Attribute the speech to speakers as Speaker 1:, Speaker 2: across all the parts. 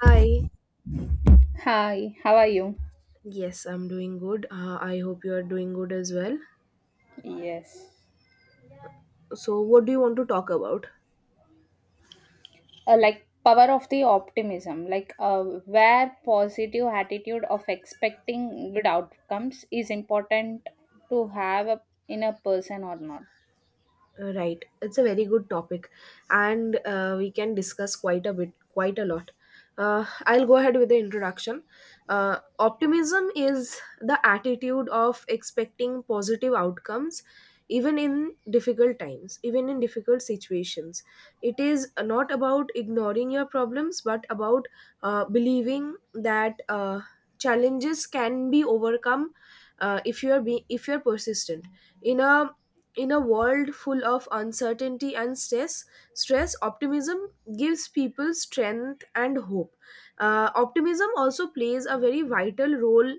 Speaker 1: Hi.
Speaker 2: Hi, how are you?
Speaker 1: Yes, I'm doing good. I hope you are doing good as well.
Speaker 2: Yes.
Speaker 1: So, what do you want to talk about?
Speaker 2: Like power of the optimism, where positive attitude of expecting good outcomes is important to in a person or not.
Speaker 1: Right, it's a very good topic, and we can discuss quite a lot. I'll go ahead with the introduction. Optimism is the attitude of expecting positive outcomes, even in difficult times, even in difficult situations. It is not about ignoring your problems, but about believing that challenges can be overcome if you are persistent in a in a world full of uncertainty and stress. Optimism gives people strength and hope. Optimism also plays a very vital role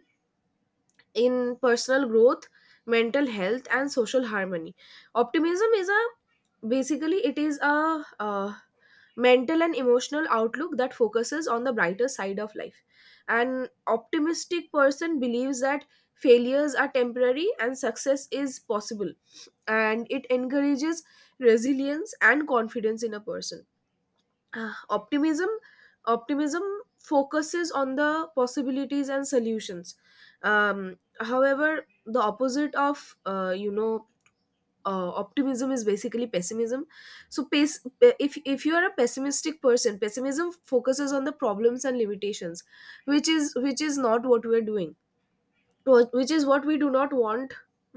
Speaker 1: in personal growth, mental health, and social harmony. Optimism is a Basically it is a mental and emotional outlook that focuses on the brighter side of life. An optimistic person believes that failures are temporary and success is possible, and it encourages resilience and confidence in a person. Ah, optimism optimism focuses on the possibilities and solutions. However, the opposite of optimism is basically pessimism. So if you are a pessimistic person, pessimism focuses on the problems and limitations, which is not what we're doing. Which is what we do not want,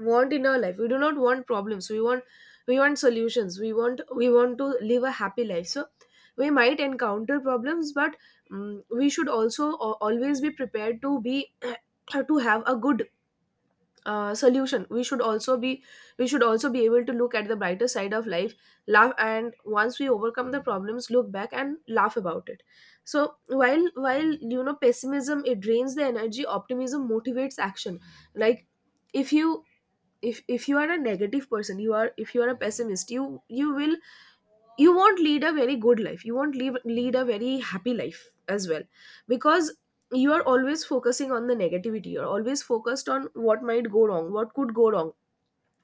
Speaker 1: in our life. We do not want problems, we want, we want solutions, we want to live a happy life. So we might encounter problems, but we should also always be prepared to be to have a good solution. We should also be able to look at the brighter side of life, laugh, and once we overcome the problems, look back and laugh about it. So while you know, pessimism, it drains the energy, optimism motivates action. Like if you if you are a negative person, you are, if you are a pessimist, you will, you won't lead a very good life you won't leave, lead a very happy life as well, because you are always focusing on the negativity, you're always focused on what might go wrong, what could go wrong,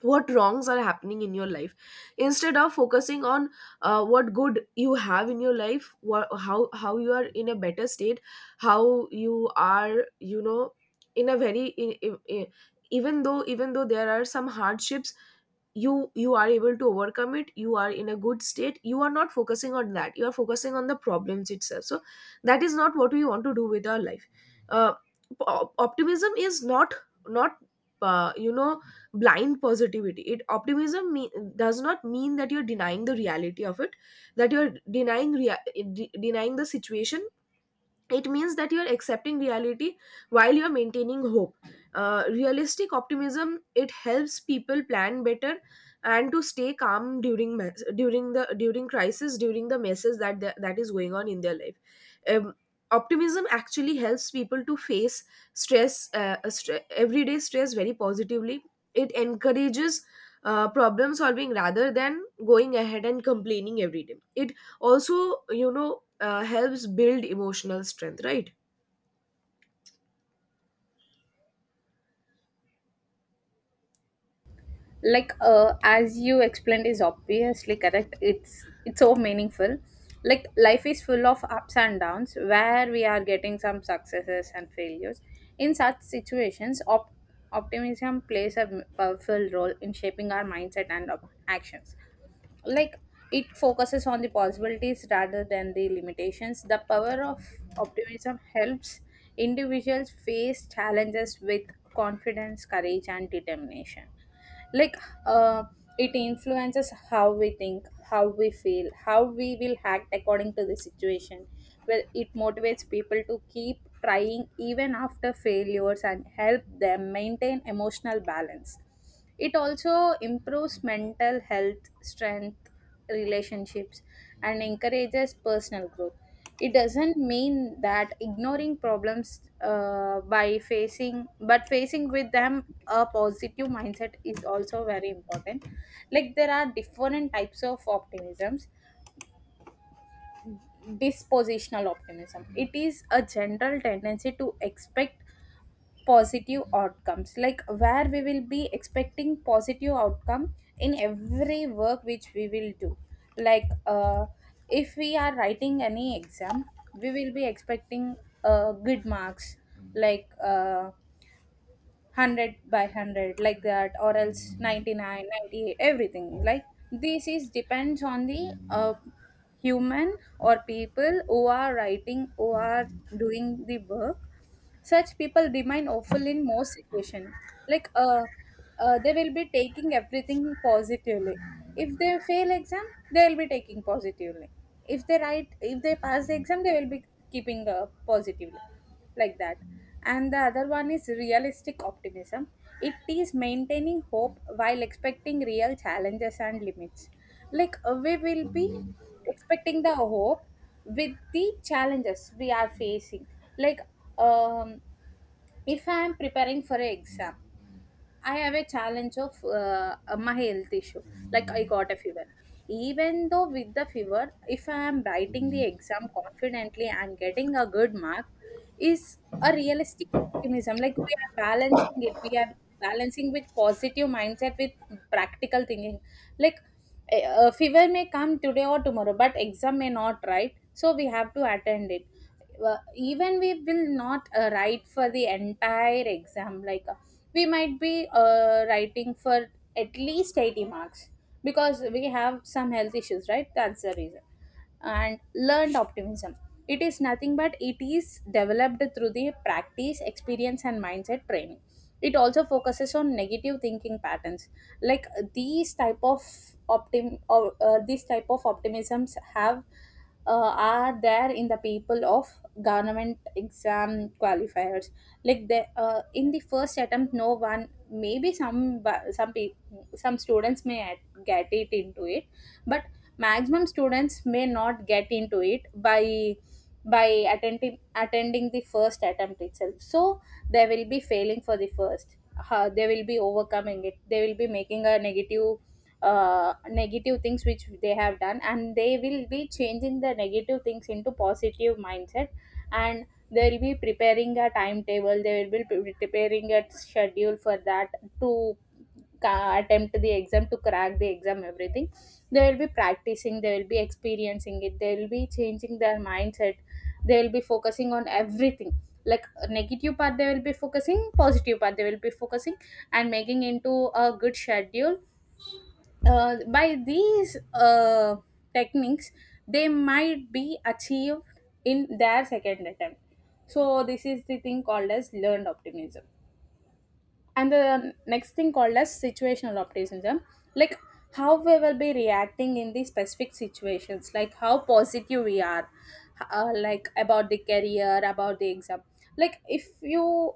Speaker 1: what wrongs are happening in your life, instead of focusing on what good you have in your life, what, how you are in a better state, how you are, you know, in a very even though, even though there are some hardships, you are able to overcome it, you are in a good state, you are not focusing on that, you are focusing on the problems itself. So that is not what we want to do with our life. uh, Optimism is not, not, uh, you know blind positivity. It optimism me- does not mean that you're denying the reality of it, that you're denying the situation. It means that you are accepting reality while you are maintaining hope. Realistic optimism, it helps people plan better and to stay calm during the, during crisis, during the messes that is going on in their life. Optimism actually helps people to face everyday stress very positively. It encourages problem solving rather than going ahead and complaining every day. It also, you know, helps build emotional strength, right?
Speaker 2: Like as you explained is obviously correct. It's so meaningful. Like life is full of ups and downs where we are getting some successes and failures. In such situations, optimism plays a powerful role in shaping our mindset and actions. Like it focuses on the possibilities rather than the limitations. The power of optimism helps individuals face challenges with confidence, courage and determination. Like uh, it influences how we think, how we feel, how we will act according to the situation, where it motivates people to keep trying even after failures and help them maintain emotional balance. It also improves mental health strength, relationships, and encourages personal growth. It doesn't mean that ignoring problems by facing, but facing with them a positive mindset is also very important. Like there are different types of optimisms. Dispositional optimism, it is a general tendency to expect positive outcomes, like where we will be expecting positive outcome in every work which we will do. Like if we are writing any exam, we will be expecting good marks, like 100 by 100, like that, or else 99, 98, everything like this is depends on the human or people who are writing, who are doing the work. Such people remain awful in most situation. like uh, they will be taking everything positively. If they fail exam, they will be taking positively. If they write, if they pass the exam, they will be keeping positively, like that. And the other one is realistic optimism. It is maintaining hope while expecting real challenges and limits. Like we will be expecting the hope with the challenges we are facing. Like um, if I am preparing for an exam, I have a challenge of my health issue. Like I got a fever. Even though with the fever, if I am writing the exam confidently and getting a good mark, is a realistic optimism. Like we are balancing it. We are balancing with positive mindset with practical thinking. Like a fever may come today or tomorrow, but exam may not, right? So we have to attend it well, even we will not write for the entire exam. We might be writing for at least 80 marks because we have some health issues, right? That's the reason. And learned optimism, it is nothing but it is developed through the practice, experience and mindset training. It also focuses on negative thinking patterns. Like these type of optim or these type of optimisms have are there in the people of government exam qualifiers. Like they in the first attempt, no one, maybe some some some students may get it into it, but maximum students may not get into it by attending the first attempt itself. So they will be failing for the first they will be overcoming it. They will be making a negative negative things which they have done, and they will be changing the negative things into positive mindset. And they will be preparing a timetable. They will be preparing a schedule for that to attempt the exam, to crack the exam, everything. They will be practicing, they will be experiencing it, they will be changing their mindset. They will be focusing on everything. Like negative part they will be focusing, positive part they will be focusing, and making into a good schedule. By these techniques they might be achieved in their second attempt. So this is the thing called as learned optimism. And the next thing called as situational optimism. Like how we will be reacting in the specific situations, like how positive we are like about the career, about the exam. Like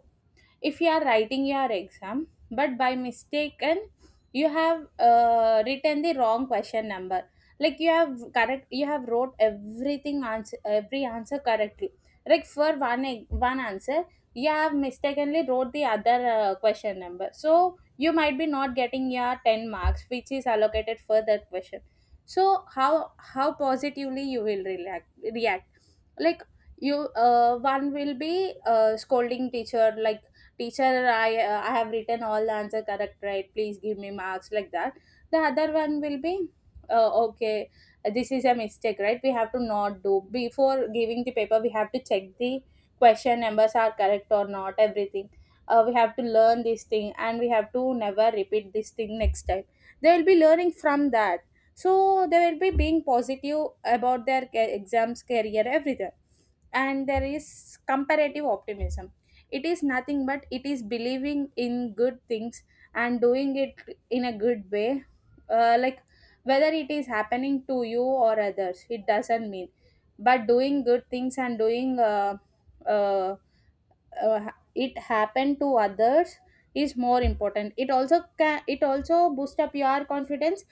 Speaker 2: if you are writing your exam, but by mistaken you have written the wrong question number. Like you have correct, you have wrote everything, answer every answer correctly. Like for one one answer, you have mistakenly wrote the other question number, so you might be not getting your 10 marks which is allocated for that question. So how positively you will react. Like you one will be scolding teacher, like teacher, I have written all the answer correct right, please give me marks, like that. The other one will be, okay, this is a mistake right, we have to not do. Before giving the paper we have to check the question numbers are correct or not, everything. We have to learn this thing, and we have to never repeat this thing next time. They will be learning from that. So they will be being positive about their exams, career, everything. And there is comparative optimism. It is nothing but it is believing in good things and doing it in a good way. Like whether it is happening to you or others, it doesn't mean, but doing good things and doing uh, uh, it happened to others is more important. It also can, it also boost up your confidence,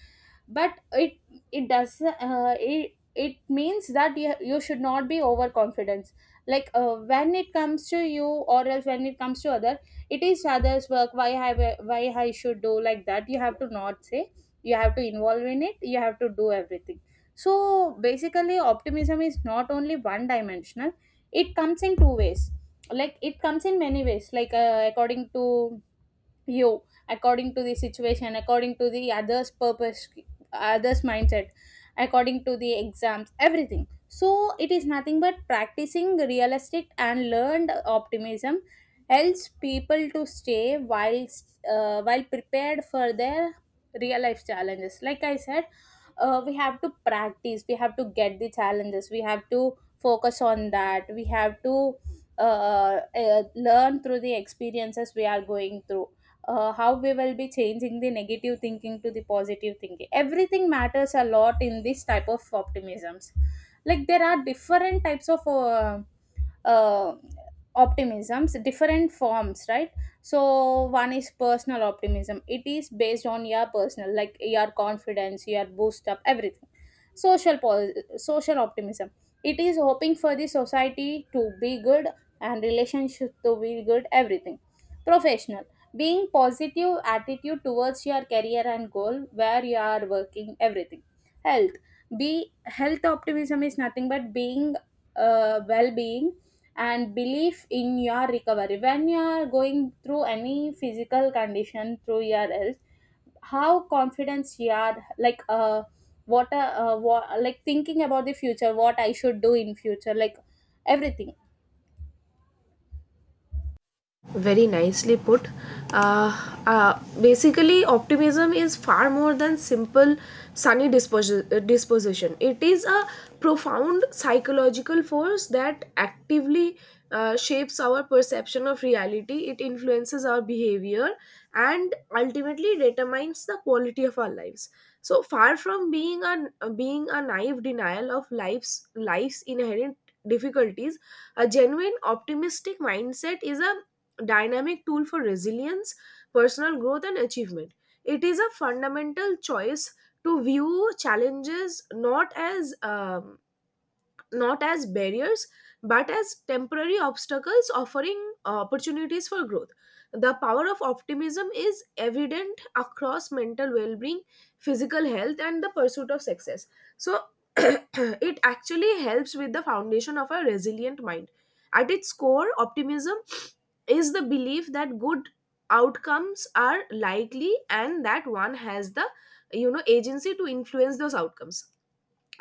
Speaker 2: but it does, it it means that you should not be overconfident. Like when it comes to you, or else when it comes to other, it is others work, why i, why I should do like that, you have to not say, you have to involve in it, you have to do everything. So basically optimism is not only one dimensional. It comes in two ways, like it comes in many ways, like according to you, according to the situation, according to the others purpose, others mindset, according to the exams, everything. So it is nothing but practicing realistic and learned optimism helps people to stay while prepared for their real life challenges. Like I said, we have to practice, we have to get the challenges, we have to focus on that, we have to learn through the experiences we are going through. How we will be changing the negative thinking to the positive thinking, everything matters a lot in this type of optimisms. Like there are different types of uh, optimisms, different forms, right? So one is personal optimism. It is based on your personal, like your confidence, your boost up, everything. Social social optimism, it is hoping for the society to be good and relationship to be good, everything. Professional, being positive attitude towards your career and goal where you are working, everything. Health, be health optimism is nothing but being well-being and belief in your recovery when you are going through any physical condition through your health. How confidence you are, like uh, what, like thinking about the future, what I should do in future, like everything.
Speaker 1: Very nicely put. Uh, Basically, optimism is far more than simple disposition. It is a profound psychological force that actively shapes our perception of reality. It influences our behavior and ultimately determines the quality of our lives. So far from being a being a naive denial of life's inherent difficulties, a genuine optimistic mindset is a dynamic tool for resilience, personal growth, and achievement. It is a fundamental choice to view challenges not as barriers but as temporary obstacles offering opportunities for growth. The power of optimism is evident across mental well-being, physical health, and the pursuit of success. So it actually helps with the foundation of a resilient mind. At its core, optimism is the belief that good outcomes are likely and that one has the, you know, agency to influence those outcomes.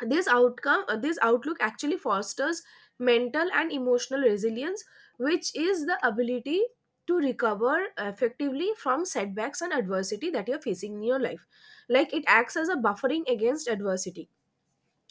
Speaker 1: This outlook actually fosters mental and emotional resilience, which is the ability to recover effectively from setbacks and adversity that you're facing in your life. Like it acts as a buffering against adversity.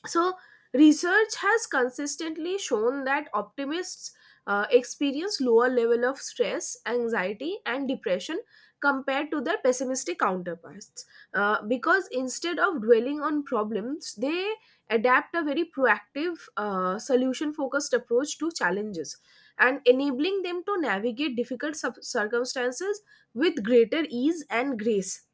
Speaker 1: So, research has consistently shown that optimists experience lower level of stress, anxiety, and depression compared to their pessimistic counterparts. Because instead of dwelling on problems, they adapt a very proactive, solution focused approach to challenges and enabling them to navigate circumstances with greater ease and grace.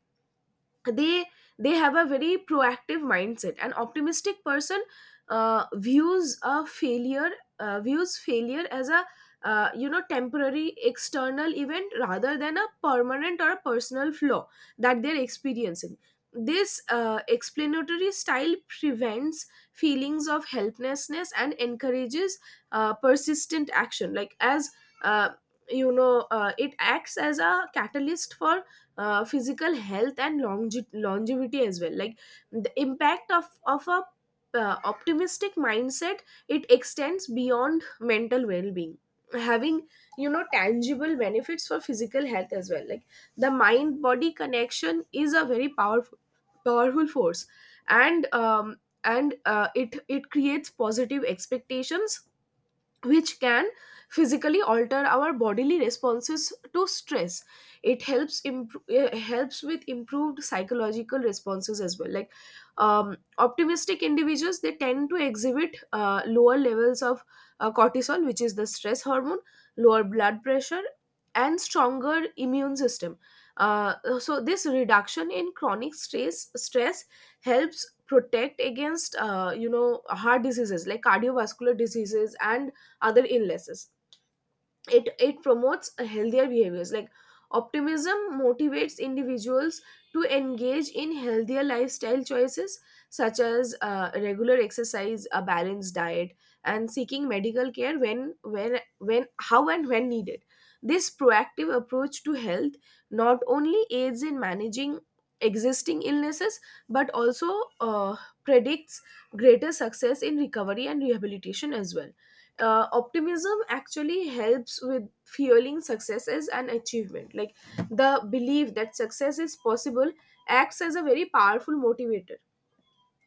Speaker 1: they they have a very proactive mindset. An optimistic person uh, views a failure views failure as a, temporary external event rather than a permanent or a personal flaw that they're experiencing. This explanatory style prevents feelings of helplessness and encourages persistent action. Like as uh, you know It acts as a catalyst for physical health and longevity as well. Like the impact of a optimistic mindset, it extends beyond mental well-being, having, you know, tangible benefits for physical health as well. Like the mind body connection is a very powerful force. And it, it creates positive expectations which can physically alter our bodily responses to stress. It helps improve helps with improved psychological responses as well. Like optimistic individuals, they tend to exhibit lower levels of cortisol, which is the stress hormone, lower blood pressure, and stronger immune system. uh, so this reduction in chronic stress stress helps protect against, heart diseases like cardiovascular diseases and other illnesses. It promotes a healthier behaviors. Like optimism motivates individuals to engage in healthier lifestyle choices such as regular exercise, a balanced diet, and seeking medical care when, when how and when needed. This proactive approach to health not only aids in managing existing illnesses but also uh, predicts greater success in recovery and rehabilitation as well. Optimism actually helps with fueling successes and achievement. Like the belief that success is possible acts as a very powerful motivator.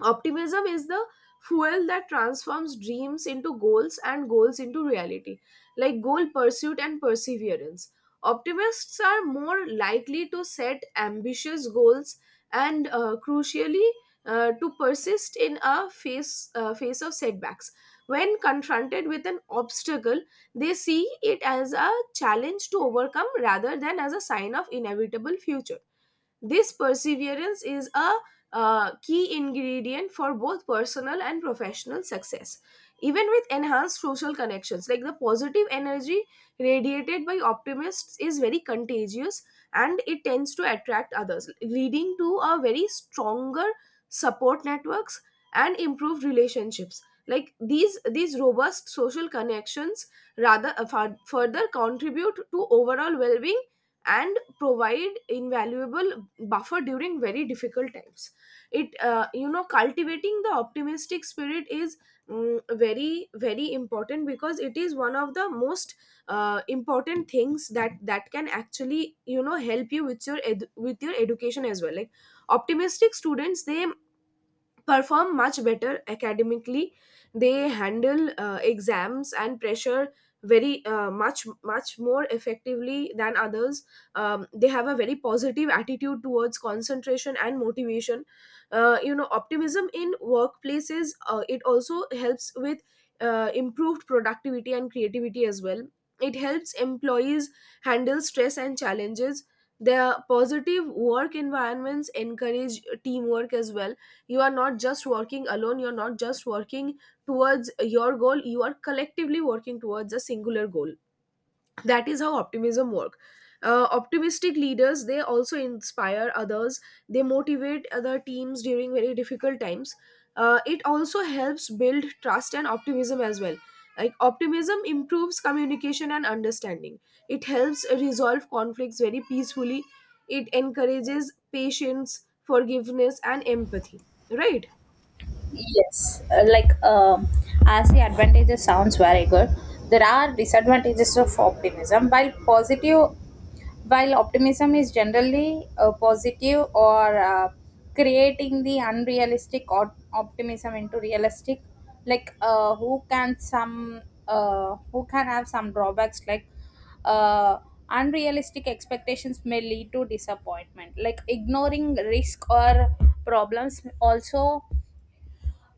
Speaker 1: Optimism is the fuel that transforms dreams into goals and goals into reality, like goal pursuit and perseverance. Optimists are more likely to set ambitious goals and, crucially, to persist in a face face of setbacks. When confronted with an obstacle, they see it as a challenge to overcome rather than as a sign of inevitable future. This perseverance is a key ingredient for both personal and professional success. Even with enhanced social connections, like the positive energy radiated by optimists is very contagious, and it tends to attract others, leading to a very stronger support networks and improved relationships. Like these robust social connections further contribute to overall well-being and provide invaluable buffer during very difficult times. It, cultivating the optimistic spirit is very important because it is one of the most important things that can actually, you know, help you with your with your education as well. Like optimistic students, they perform much better academically. They handle exams and pressure very, much more effectively than others. They have a very positive attitude towards concentration and motivation. Optimism in workplaces, it also helps with improved productivity and creativity as well. It helps employees handle stress and challenges. The positive work environments encourage teamwork as well. You are not just working alone, you're not just working towards your goal, you are collectively working towards a singular goal. That is how optimism work. Optimistic leaders, they also inspire others, they motivate other teams during very difficult times. It also helps build trust and optimism as well. Like optimism improves communication and understanding, it helps resolve conflicts very peacefully, it encourages patience, forgiveness, and empathy, right?
Speaker 2: Yes, like as the advantages sounds very good, there are disadvantages of optimism. While optimism is generally positive or creating the unrealistic or optimism into realistic, like who can some who can have some drawbacks, like uh, unrealistic expectations may lead to disappointment, like ignoring risk or problems also,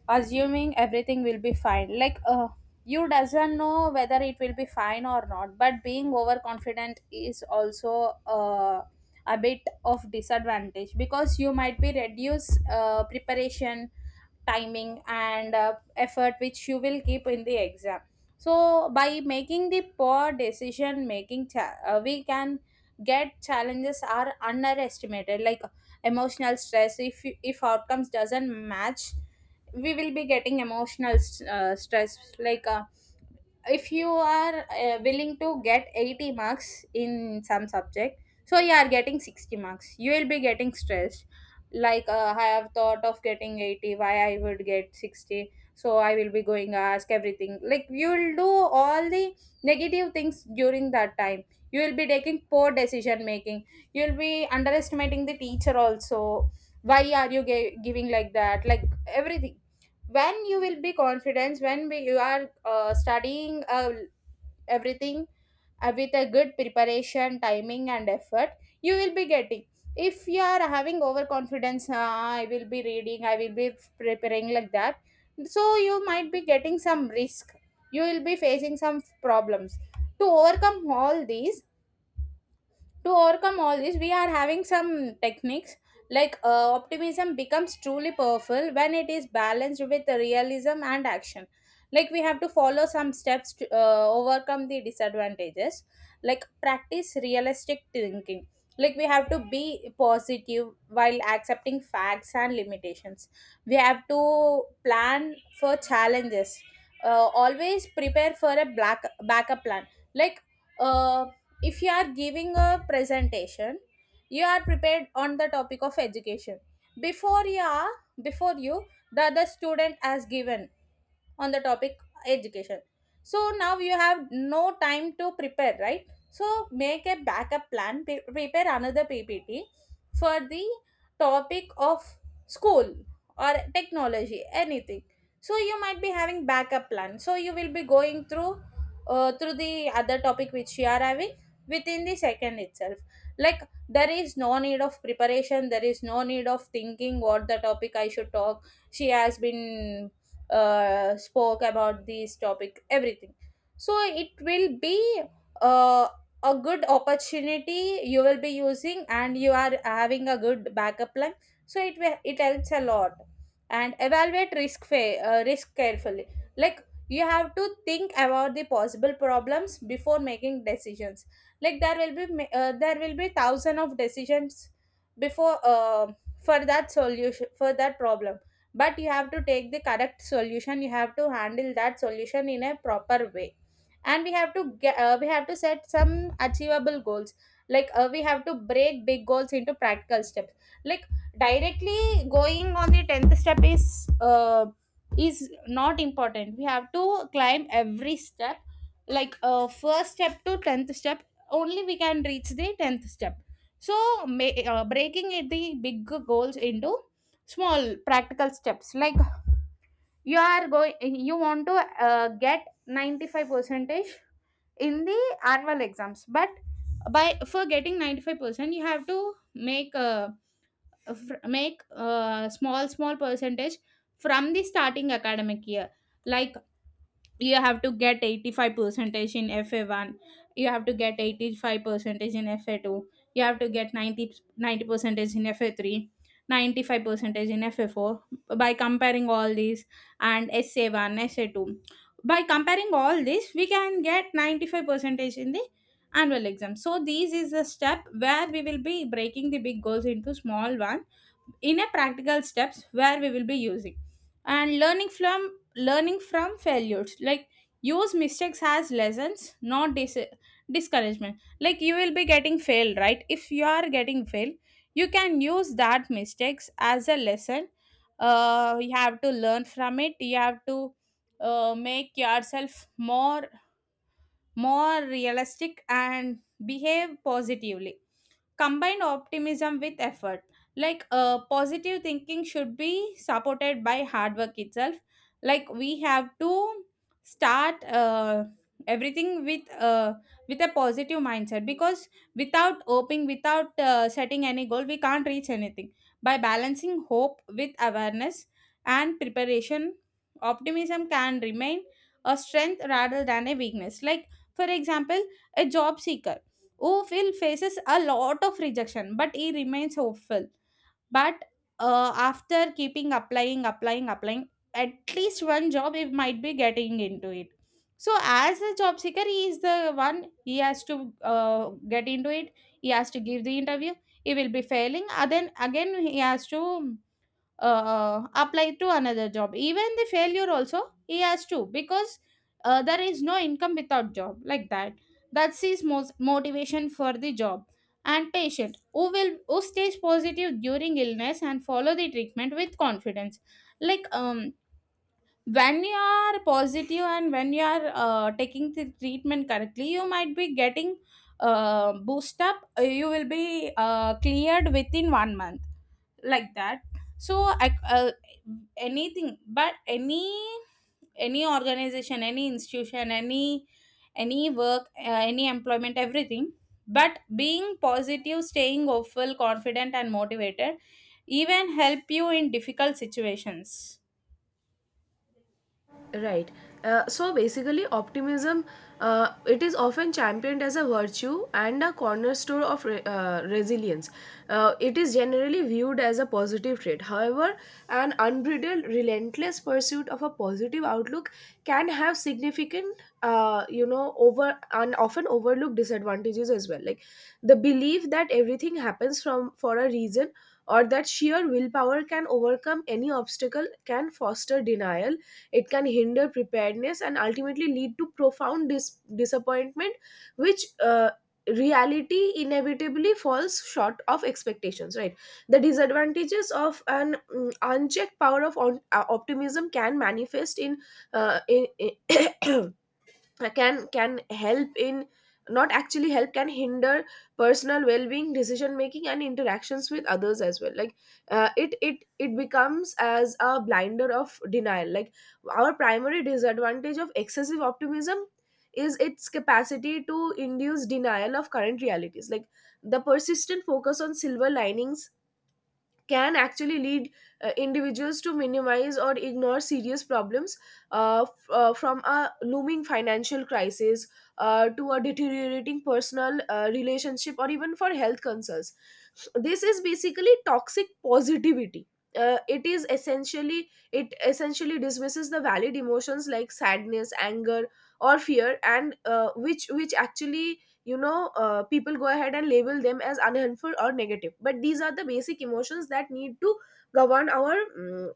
Speaker 2: assuming everything will be fine. Like you doesn't know whether it will be fine or not, but being overconfident is also a bit of disadvantage, because you might be reduce preparation timing and effort which you will keep in the exam. So by making the poor decision making we can get challenges are underestimated. Like emotional stress, if outcomes doesn't match, we will be getting emotional stress. Like if you are willing to get 80 marks in some subject, so you are getting 60 marks, you will be getting stressed. Like I have thought of getting 80, why I would get 60, so I will be going ask everything, like you will do all the negative things during that time. You will be taking poor decision making, you will be underestimating the teacher also, why are you giving like that, like everything. When you will be confident, when you are studying everything with a good preparation timing and effort, you will be getting, if you are having overconfidence, I will be reading, I will be preparing like that, so you might be getting some risk, you will be facing some problems. To overcome all these, to overcome all this, we are having some techniques. Like optimism becomes truly powerful when it is balanced with realism and action. Like we have to follow some steps to overcome the disadvantages. Like practice realistic thinking, like we have to be positive while accepting facts and limitations. We have to plan for challenges. Always prepare for a black backup plan. like uh, if you are giving a presentation, you are prepared on the topic of education before you are before you the other student has given on the topic education, so now you have no time to prepare, right? So make a backup plan, prepare another ppt for the topic of school or technology, anything. So you might be having backup plan, so you will be going through through the other topic which you are having within the second itself. Like, there is no need of preparation, there is no need of thinking what the topic I should talk. She has been spoke about this topic, everything. So it will be uh, a good opportunity you will be using and you are having a good backup plan, so it helps a lot. And evaluate risk carefully. Like, you have to think about the possible problems before making decisions. Like, there will be thousand of decisions before for that solution, for that problem. But you have to take the correct solution, you have to handle that solution in a proper way. And we have to get we have to set some achievable goals. We have to break big goals into practical steps. Like, directly going on the 10th step is not important. We have to climb every step, first step to 10th step, only we can reach the 10th step. So breaking it the big goals into small practical steps. Like, you are going, you want to get 95 percentage in the annual exams, but by for getting 95%, you have to make a make a small small percentage from the starting academic year. Like, you have to get 85 percentage in fa1, you have to get 85 percentage in fa2, you have to get 90 percentage in fa3, 95 percentage in fa4. By comparing all these and sa1 sa2, by comparing all this we can get 95 percentage in the annual exam. So this is a step where we will be breaking the big goals into small one, in a practical steps where we will be using and learning from failures. Like, use mistakes as lessons, not discouragement. Like, you will be getting failed, right? If you are getting failed, you can use that mistakes as a lesson. You have to learn from it. You have to make yourself more realistic and behave positively. Combine optimism with effort. Positive thinking should be supported by hard work itself. Like, we have to start everything uh, with a positive mindset, because without hoping, without setting any goal, we can't reach anything. By balancing hope with awareness and preparation, optimism can remain a strength rather than a weakness. Like, for example, a job seeker who Phil faces a lot of rejection, but he remains hopeful. But after keeping applying, applying, applying, at least one job he might be getting into it. So as a job seeker, he is the one, he has to get into it. He has to give the interview. He will be failing. Then again, he has to apply to another job, even the failure also he has to, because there is no income without job, like that. That's his most motivation for the job. And patient who will who stays positive during illness and follow the treatment with confidence. Like, when you are positive and when you are taking the treatment correctly, you might be getting boost up, you will be cleared within one month, like that. So I uh, anything, but any organization, any institution, any work, any employment, everything. But being positive, staying hopeful, confident and motivated, even help you in difficult situations.
Speaker 1: Right. So basically, optimism, it is often championed as a virtue and a cornerstone of resilience. It is generally viewed as a positive trait. However, an unbridled, relentless pursuit of a positive outlook can have significant, you know, over and often overlooked disadvantages as well. Like the belief that everything happens from for a reason, or that sheer willpower can overcome any obstacle, can foster denial. It can hinder preparedness and ultimately lead to profound disappointment, which reality inevitably falls short of expectations, right? The disadvantages of an unchecked power of optimism can manifest in uh, in, in can help in, not actually help can hinder personal well-being, decision making, and interactions with others as well. Like it becomes as a blinder of denial. Like, our primary disadvantage of excessive optimism is its capacity to induce denial of current realities. Like, the persistent focus on silver linings can actually lead individuals to minimize or ignore serious problems, from a looming financial crisis, to a deteriorating personal relationship, or even for health concerns. This is basically toxic positivity. It essentially dismisses the valid emotions like sadness, anger, or fear, and which actually, people go ahead and label them as unhelpful or negative, but these are the basic emotions that need to govern our mm,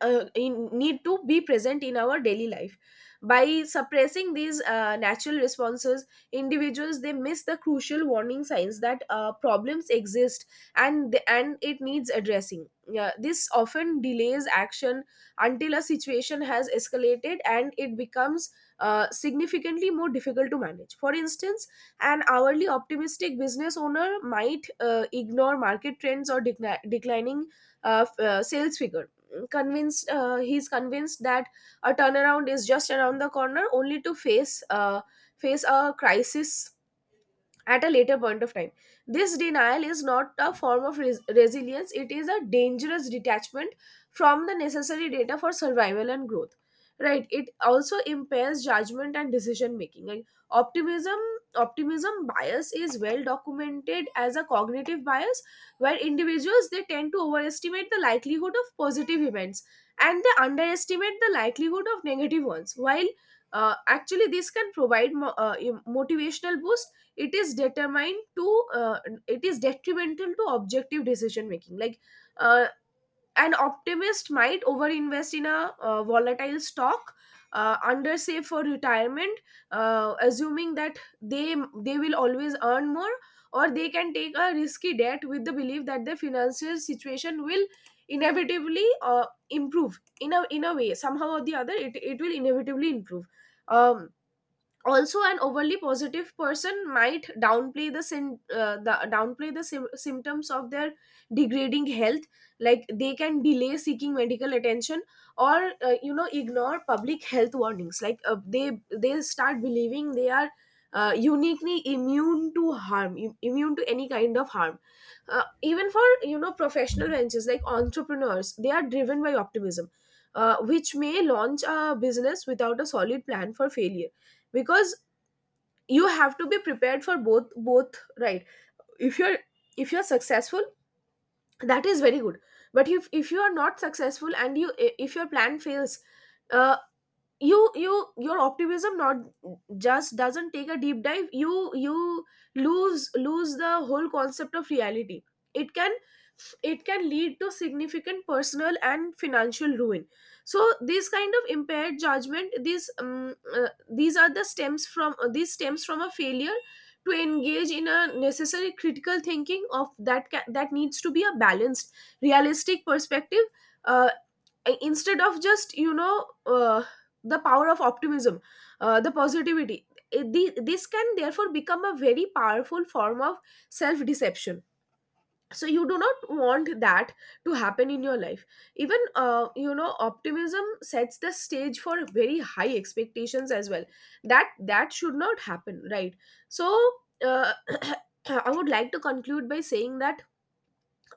Speaker 1: uh, in, need to be present in our daily life. By suppressing these natural responses, individuals, they miss the crucial warning signs that problems exist and it needs addressing, yeah, this often delays action until a situation has escalated and it becomes significantly more difficult to manage. For instance, an hourly optimistic business owner might ignore market trends or declining sales figures, convinced he's convinced that a turnaround is just around the corner, only to face face a crisis at a later point of time. This denial is not a form of resilience, it is a dangerous detachment from the necessary data for survival and growth. Right, it also impairs judgment and decision making. Optimism bias is well documented as a cognitive bias, where individuals, they tend to overestimate the likelihood of positive events and they underestimate the likelihood of negative ones. While actually this can provide motivational boost, it is determined to uh, it is detrimental to objective decision making. Like, uh, an optimist might overinvest in a volatile stock, under for retirement, assuming that they will always earn more, or they can take a risky debt with the belief that their financial situation will inevitably improve, in a way, somehow or the other, it will inevitably improve. um, Also, an overly positive person might downplay the symptoms of their degrading health. Like, they can delay seeking medical attention or, ignore public health warnings. Like, they start believing they are uniquely immune to harm, immune to any kind of harm. Even for, you know, professional ventures, like entrepreneurs, they are driven by optimism, which may launch a business without a solid plan for failure, because you have to be prepared for both. Right? If you're, if you're successful, that is very good, but if you are not successful and you, if your plan fails, uh you, your optimism not just doesn't take a deep dive, you lose the whole concept of reality. it can it can lead to significant personal and financial ruin. So these kind of impaired judgment, these are the stems from these stems from a failure to engage in a necessary critical thinking of that needs to be a balanced, realistic perspective, uh, instead of just, you know, the power of optimism, the positivity. This can therefore become a very powerful form of self deception, so you do not want that to happen in your life. Even, optimism sets the stage for very high expectations as well. That should not happen, right? So, uh, I would like to conclude by saying that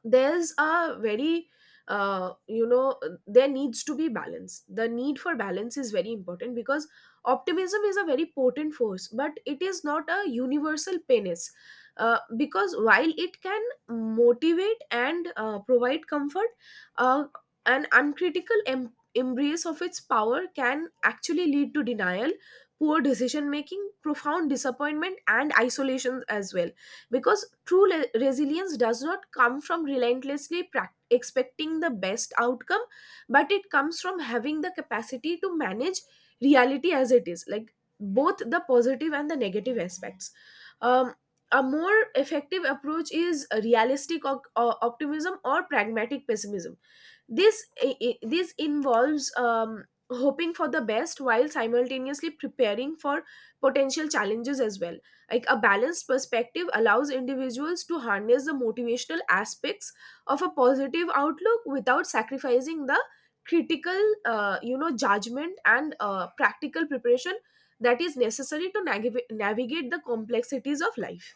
Speaker 1: there's a very, uh, you know there needs to be balance. The need for balance is very important, because optimism is a very potent force, but it is not a universal penis, because while it can motivate and provide comfort, uh, an uncritical embrace of its power can actually lead to denial, poor decision making, profound disappointment, and isolation as well, because true resilience does not come from relentlessly expecting the best outcome, but it comes from having the capacity to manage reality as it is, like both the positive and the negative aspects. um, a more effective approach is realistic optimism, or pragmatic pessimism. This involves, hoping for the best while simultaneously preparing for potential challenges as well. Like, a balanced perspective allows individuals to harness the motivational aspects of a positive outlook without sacrificing the critical, judgment and practical preparation that is necessary to navigate the complexities of life.